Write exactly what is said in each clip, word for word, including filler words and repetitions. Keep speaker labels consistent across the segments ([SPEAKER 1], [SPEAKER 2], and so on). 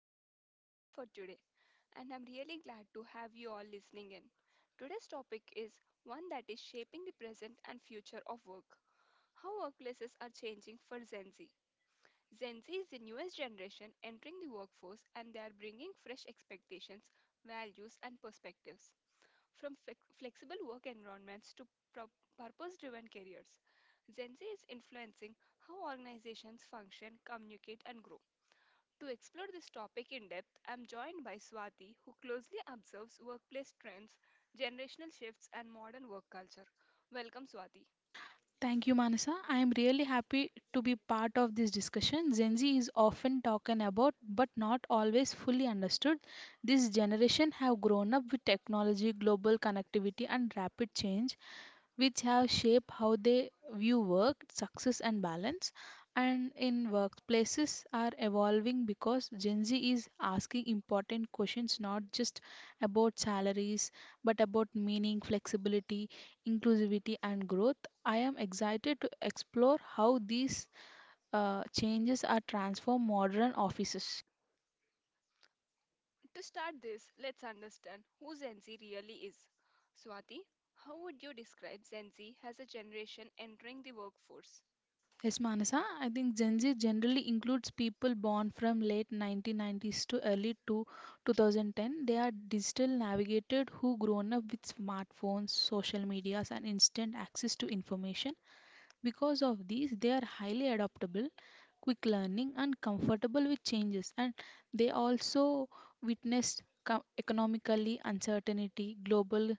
[SPEAKER 1] Mansa, your host for today, and I'm really glad to have you all listening in. Today's topic is one that is shaping the present and future of work: how workplaces are changing for Gen Z. Gen Z is the newest generation entering the workforce, and they are bringing fresh expectations, values, and perspectives. From flex- flexible work environments to pro- purpose driven careers, Gen Z is influencing how organizations function, communicate, and grow. To explore this topic in depth, I'm joined by Swati, who closely observes workplace trends, generational shifts, and modern work culture. Welcome, Swati.
[SPEAKER 2] Thank you, Manasa. I am really happy to be part of this discussion. Gen Z is often talked about but not always fully understood. This generation have grown up with technology, global connectivity and rapid change which have shaped how they view work, success, and balance. And in workplaces are evolving because Gen Z is asking important questions not just about salaries but about meaning, flexibility, inclusivity, and growth. I am excited to explore how these uh, changes are transform modern offices.
[SPEAKER 1] To start this, let's understand who Gen Z really is. Swati, how would you describe Gen Z as a generation entering the workforce?
[SPEAKER 2] Yes, Manasa, I think Gen Z generally includes people born from late nineteen nineties to early to twenty ten. They are digital navigated who grown up with smartphones, social medias, and instant access to information. Because of these, they are highly adaptable, quick learning, and comfortable with changes. And they also witnessed co- economically uncertainty, global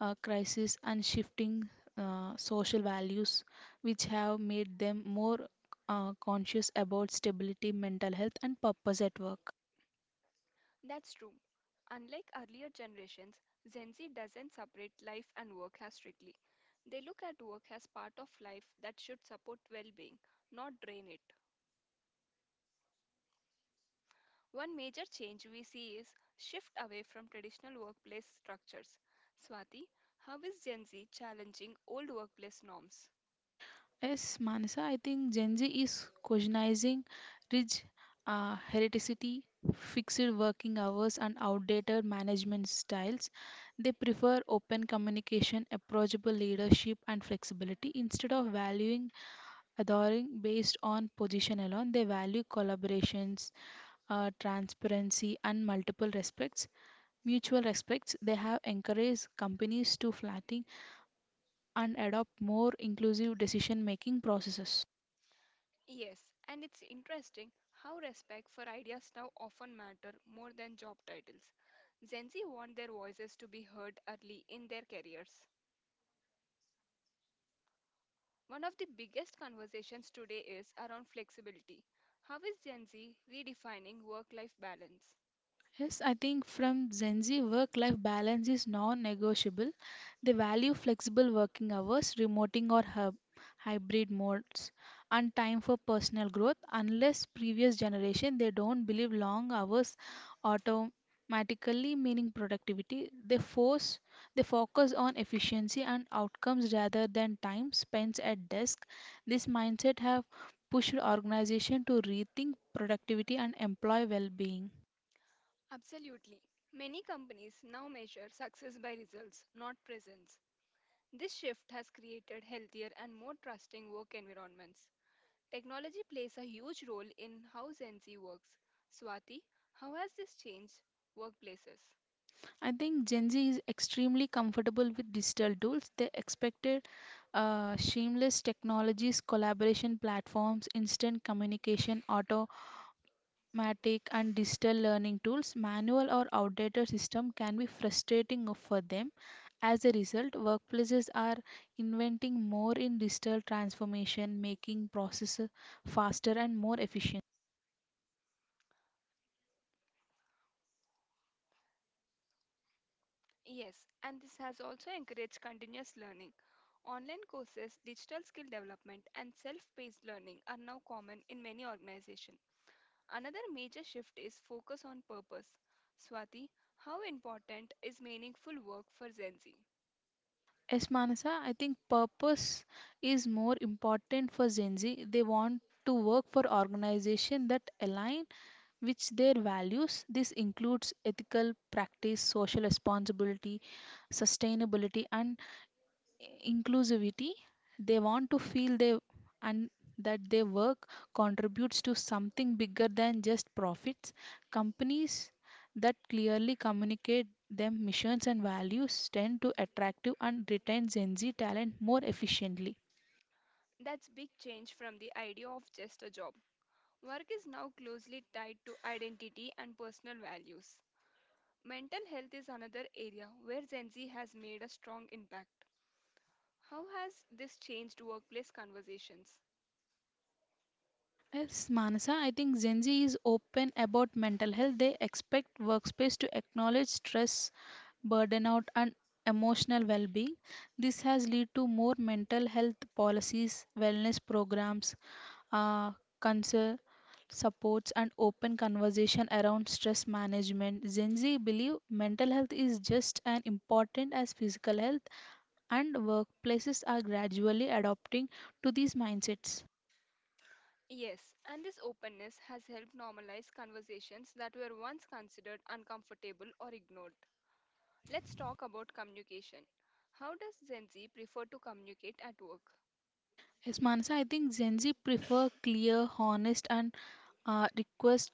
[SPEAKER 2] uh, crisis and shifting uh, social values, which have made them more uh, conscious about stability, mental health, and purpose at work.
[SPEAKER 1] That's true. Unlike earlier generations, Gen Z doesn't separate life and work as strictly. They look at work as part of life that should support well being, not drain it. One major change we see is shift away from traditional workplace structures. Swati, how is Gen Z challenging old workplace norms?
[SPEAKER 2] Yes, Manasa, I think Gen Z is questioning rich uh, heredity, fixed working hours, and outdated management styles. They prefer open communication, approachable leadership, and flexibility instead of valuing adoring based on position alone. They value collaborations, uh, transparency, and multiple respects, mutual respects, they have encouraged companies to flatten and adopt more inclusive decision making processes.
[SPEAKER 1] Yes, and it's interesting how respect for ideas now often matter more than job titles. Gen Z want their voices to be heard early in their careers. One of the biggest conversations today is around flexibility. How is Gen Z redefining work life balance?
[SPEAKER 2] Yes, I think from Gen Z, work life balance is non negotiable. They value flexible working hours, remoting or hub, hybrid modes, and time for personal growth. Unless previous generation, they don't believe long hours automatically meaning productivity. They force they focus on efficiency and outcomes rather than time spent at desk. This mindset have pushed organization to rethink productivity and employee well-being.
[SPEAKER 1] Absolutely. Many companies now measure success by results, not presence. This shift has created healthier and more trusting work environments. Technology plays a huge role in how Gen Z works. Swati, how has this changed workplaces?
[SPEAKER 2] I think Gen Z is extremely comfortable with digital tools. They expected uh, seamless technologies, collaboration platforms, instant communication, automatic and digital learning tools. Manual or outdated system can be frustrating for them. As a result, workplaces are inventing more in digital transformation, making processes faster and more efficient.
[SPEAKER 1] Yes, and this has also encouraged continuous learning. Online courses, digital skill development, and self paced learning are now common in many organizations. Another major shift is focus on purpose. Swati, how important is meaningful work for Gen Z?
[SPEAKER 2] Yes, Manasa, I think purpose is more important for Gen Z. They want to work for organizations that align with their values. This includes ethical practice, social responsibility, sustainability, and inclusivity they want to feel they and that their work contributes to something bigger than just profits companies that clearly communicate their missions and values tend to attract and retain gen z talent more efficiently.
[SPEAKER 1] That's big change from the idea of just a job. Work is now closely tied to identity and personal values. Mental health is another area where Gen Z has made a strong impact. How has this changed workplace conversations?
[SPEAKER 2] Yes, Manasa, I think Gen Z is open about mental health. They expect workspace to acknowledge stress, burnout, and emotional well being. This has led to more mental health policies, wellness programs, uh, counsel supports, and open conversation around stress management. Gen Z believe mental health is just as important as physical health, and workplaces are gradually adopting to these mindsets.
[SPEAKER 1] Yes, and this openness has helped normalize conversations that were once considered uncomfortable or ignored. Let's talk about communication. How does Gen Z prefer to communicate at work?
[SPEAKER 2] Yes, Manasa, I think Gen Z prefer clear, honest, and uh, request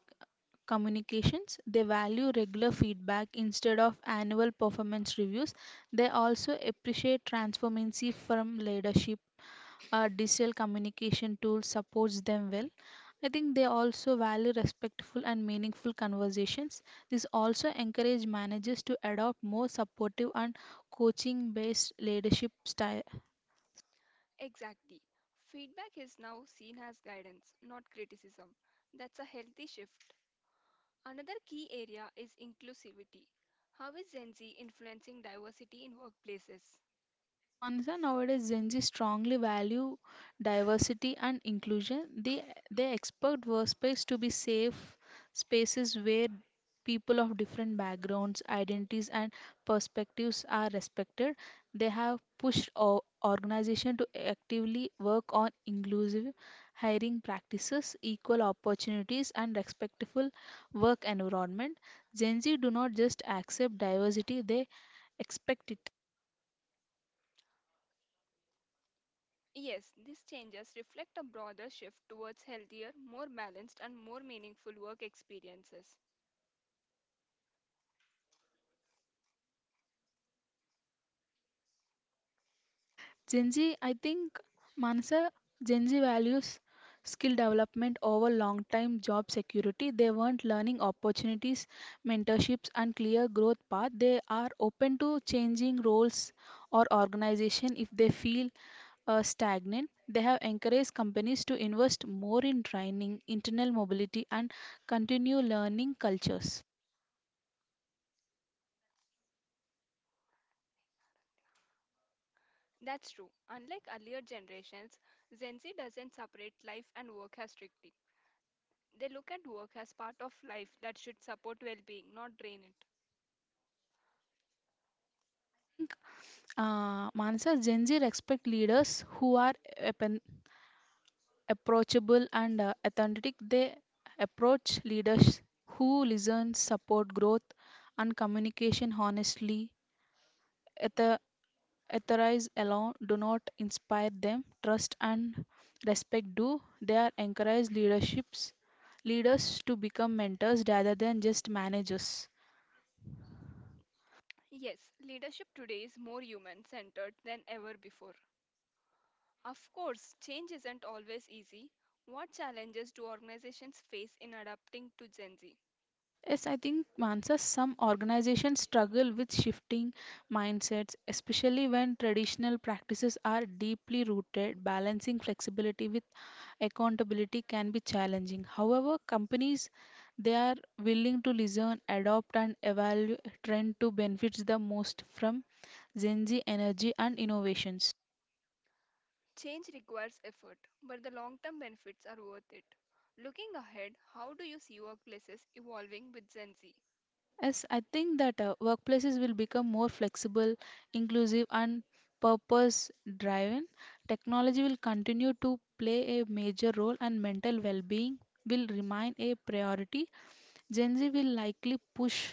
[SPEAKER 2] communications. They value regular feedback instead of annual performance reviews. They also appreciate transparency from leadership. Uh, digital communication tool supports them well. I think they also value respectful and meaningful conversations. This also encourage managers to adopt more supportive and coaching based leadership style.
[SPEAKER 1] Exactly. Feedback is now seen as guidance, not criticism. That's a healthy shift. Another key area is inclusivity. How is Gen Z influencing diversity in workplaces?
[SPEAKER 2] Yes, Manasa, nowadays Gen Z strongly value diversity and inclusion. They they expect workspace to be safe spaces where people of different backgrounds, identities, and perspectives are respected. They have pushed o- organization to actively work on inclusive hiring practices, equal opportunities, and respectful work environment. Gen Z do not just accept diversity; they expect it.
[SPEAKER 1] Yes, these changes reflect a broader shift towards healthier, more balanced, and more meaningful work experiences.
[SPEAKER 2] Gen Z, I think, Manasa, Gen Z values skill development over long time job security. They want learning opportunities, mentorships, and clear growth path. They are open to changing roles or organization if they feel uh, stagnant. They have encouraged companies to invest more in training, internal mobility, and continue learning cultures.
[SPEAKER 1] That's true. Unlike earlier generations, Gen Z doesn't separate life and work as strictly. They look at work as part of life that should support well being, not drain it.
[SPEAKER 2] I think uh, Manasa Gen Z respect leaders who are open, approachable and uh, authentic. They approach leaders who listen, support growth, and communication honestly. Ether- Etherize alone do not inspire them. Trust and respect do. They are encourage leaderships leaders to become mentors rather than just managers.
[SPEAKER 1] Yes, leadership today is more human centered than ever before. Of course, change isn't always easy. What challenges do organizations face in adapting to Gen Z?
[SPEAKER 2] Yes, I think Mansa, some organizations struggle with shifting mindsets, especially when traditional practices are deeply rooted. Balancing flexibility with accountability can be challenging. However, companies they are willing to listen, adopt, and evaluate trend to benefits the most from Gen Z energy and innovations.
[SPEAKER 1] Change requires effort, but the long term benefits are worth it. Looking ahead, how do you see workplaces evolving with Gen Z?
[SPEAKER 2] Yes, I think that uh, workplaces will become more flexible, inclusive, and purpose driven. Technology will continue to play a major role, and mental well being will remain a priority. Gen Z will likely push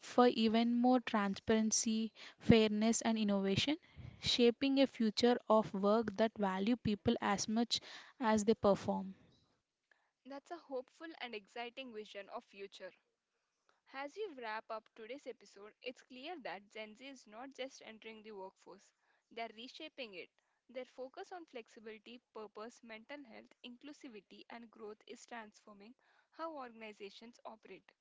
[SPEAKER 2] for even more transparency, fairness, and innovation, shaping a future of work that value people as much as they perform.
[SPEAKER 1] That's a hopeful and exciting vision of future. As we wrap up today's episode, it's clear that Gen Z is not just entering the workforce, they're reshaping it. Their focus on flexibility, purpose, mental health, inclusivity, and growth is transforming how organizations operate.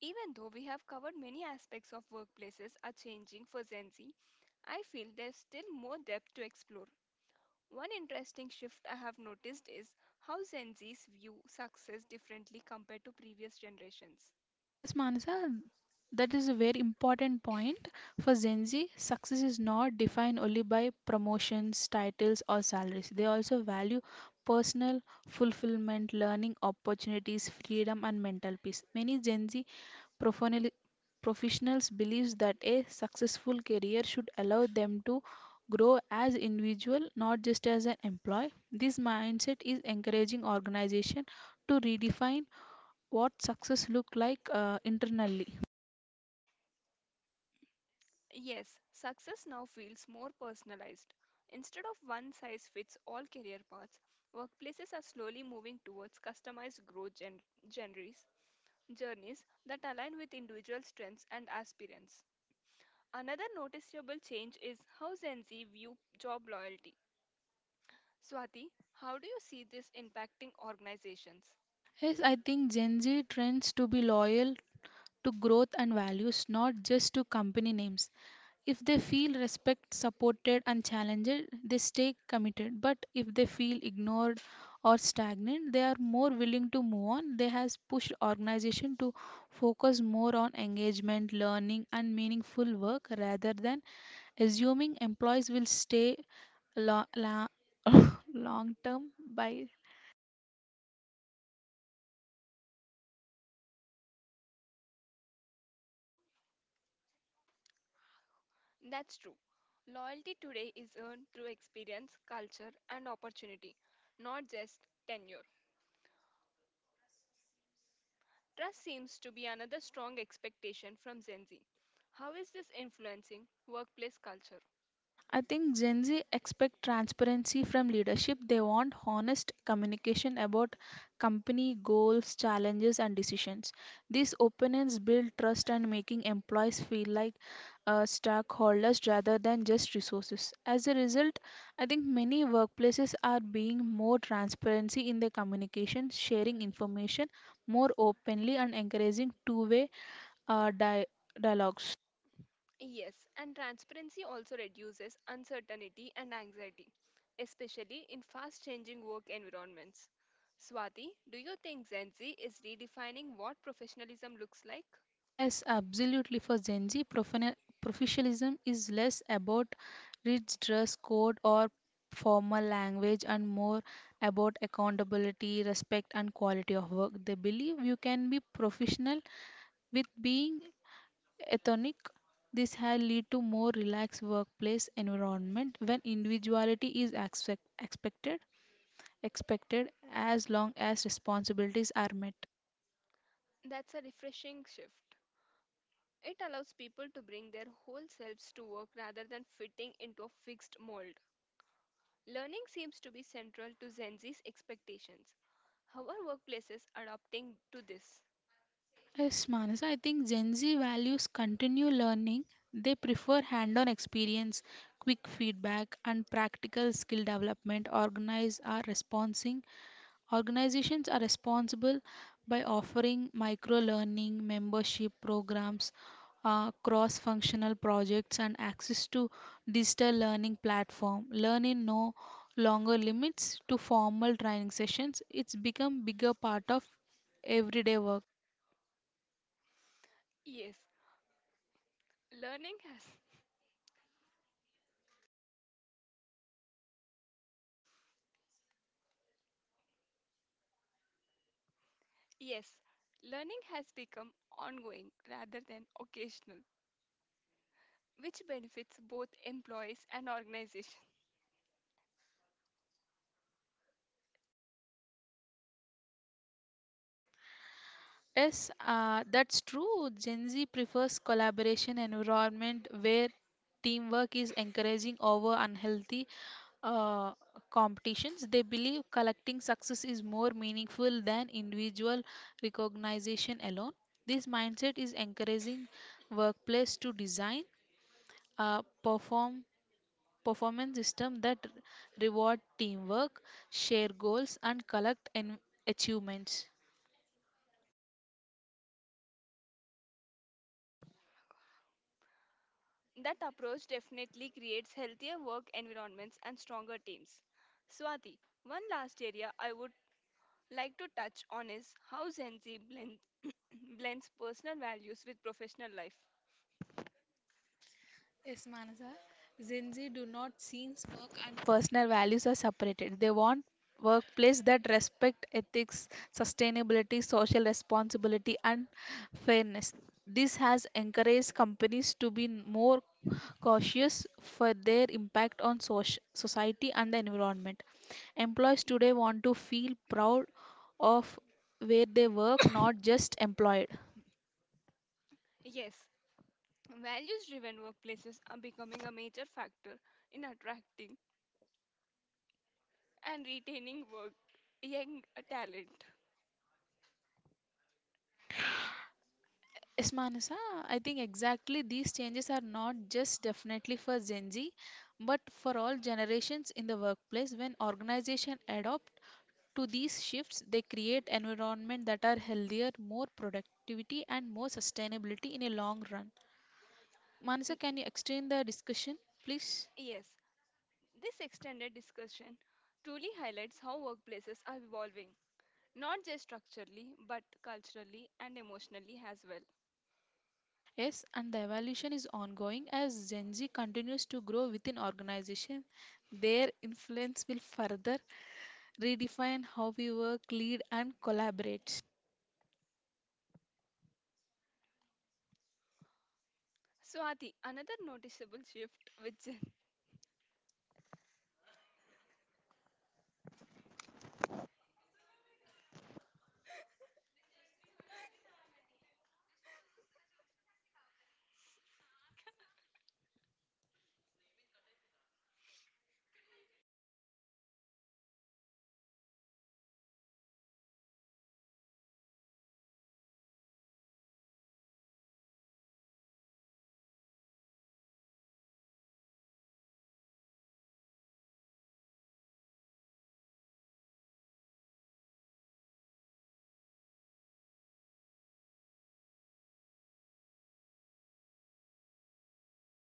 [SPEAKER 1] Even though we have covered many aspects of workplaces are changing for Gen Z, I feel there's still more depth to explore. One interesting shift I have noticed is how Gen Zs view success differently compared to previous generations.
[SPEAKER 2] Yes, Manasa, that is a very important point. For Gen Z, success is not defined only by promotions, titles, or salaries. They also value personal fulfillment, learning opportunities, freedom, and mental peace. Many Gen Z professionally- professionals believe that a successful career should allow them to grow as individual, not just as an employee. This mindset is encouraging organization to redefine what success look like uh, internally.
[SPEAKER 1] Yes, success now feels more personalized. Instead of one size fits all career paths, workplaces are slowly moving towards customized growth gen- genres, journeys that align with individual strengths and aspirants. Another noticeable change is how Gen Z view job loyalty. Swati, how do you see this impacting organizations?
[SPEAKER 2] Yes, I think Gen Z trends to be loyal to growth and values, not just to company names. If they feel respect, supported, and challenged, they stay committed. But if they feel ignored or stagnant, they are more willing to move on. They has pushed organization to focus more on engagement, learning, and meaningful work rather than assuming employees will stay lo- la- long term by.
[SPEAKER 1] That's true. Loyalty today is earned through experience, culture, and opportunity, not just tenure. Trust seems to be another strong expectation from Gen Z. How is this influencing workplace culture?
[SPEAKER 2] I think Gen Z expect transparency from leadership. They want honest communication about company goals, challenges, and decisions. These openness build trust and making employees feel like uh, stockholders rather than just resources. As a result, I think many workplaces are being more transparency in their communication, sharing information more openly, and encouraging two-way uh, di- dialogues.
[SPEAKER 1] Yes, and transparency also reduces uncertainty and anxiety, especially in fast changing work environments. Swati, do you think Gen Z is redefining what professionalism looks like?
[SPEAKER 2] Yes, absolutely. For Gen Z, profana- professionalism is less about rigid dress code or formal language and more about accountability, respect, and quality of work. They believe you can be professional with being ethnic. This has lead to more relaxed workplace environment when individuality is expect- expected expected as long as responsibilities are met.
[SPEAKER 1] That's a refreshing shift. It allows people to bring their whole selves to work rather than fitting into a fixed mold. Learning seems to be central to Gen Z's expectations. How are workplaces adapting to this?
[SPEAKER 2] Yes, Manas, I think Gen Z values continue learning. They prefer hand on experience, quick feedback, and practical skill development. Organize are responsing. Organizations are responsible by offering micro learning, membership programs, uh, cross functional projects, and access to digital learning platform. Learning no longer limits to formal training sessions. It's become bigger part of everyday work.
[SPEAKER 1] Yes, learning has yes, learning has become ongoing rather than occasional, which benefits both employees and organizations.
[SPEAKER 2] Yes, uh, that's true. Gen Z prefers collaboration environment where teamwork is encouraging over unhealthy uh, competitions. They believe collecting success is more meaningful than individual recognition alone. This mindset is encouraging workplace to design a perform performance system that reward teamwork, share goals, and collect en- achievements.
[SPEAKER 1] That approach definitely creates healthier work environments and stronger teams. Swati, one last area I would like to touch on is how Gen Z blends, blends personal values with professional life.
[SPEAKER 2] Yes, Manasa. Gen Z do not seems work and personal values are separated. They want workplace that respect ethics, sustainability, social responsibility, and fairness. This has encouraged companies to be more cautious for their impact on soc- society and the environment. Employees today want to feel proud of where they work, not just employed.
[SPEAKER 1] Yes, values driven workplaces are becoming a major factor in attracting and retaining work young talent.
[SPEAKER 2] Yes, Manasa, I think exactly these changes are not just definitely for Gen Z, but for all generations in the workplace. When organizations adopt to these shifts, they create environment that are healthier, more productivity, and more sustainability in a long run. Manasa, can you extend the discussion, please?
[SPEAKER 1] Yes, this extended discussion truly highlights how workplaces are evolving, not just structurally, but culturally and emotionally as well.
[SPEAKER 2] Yes, and the evolution is ongoing as Gen Z continues to grow within organization. Their influence will further redefine how we work, lead, and collaborate.
[SPEAKER 1] Swati, another noticeable shift which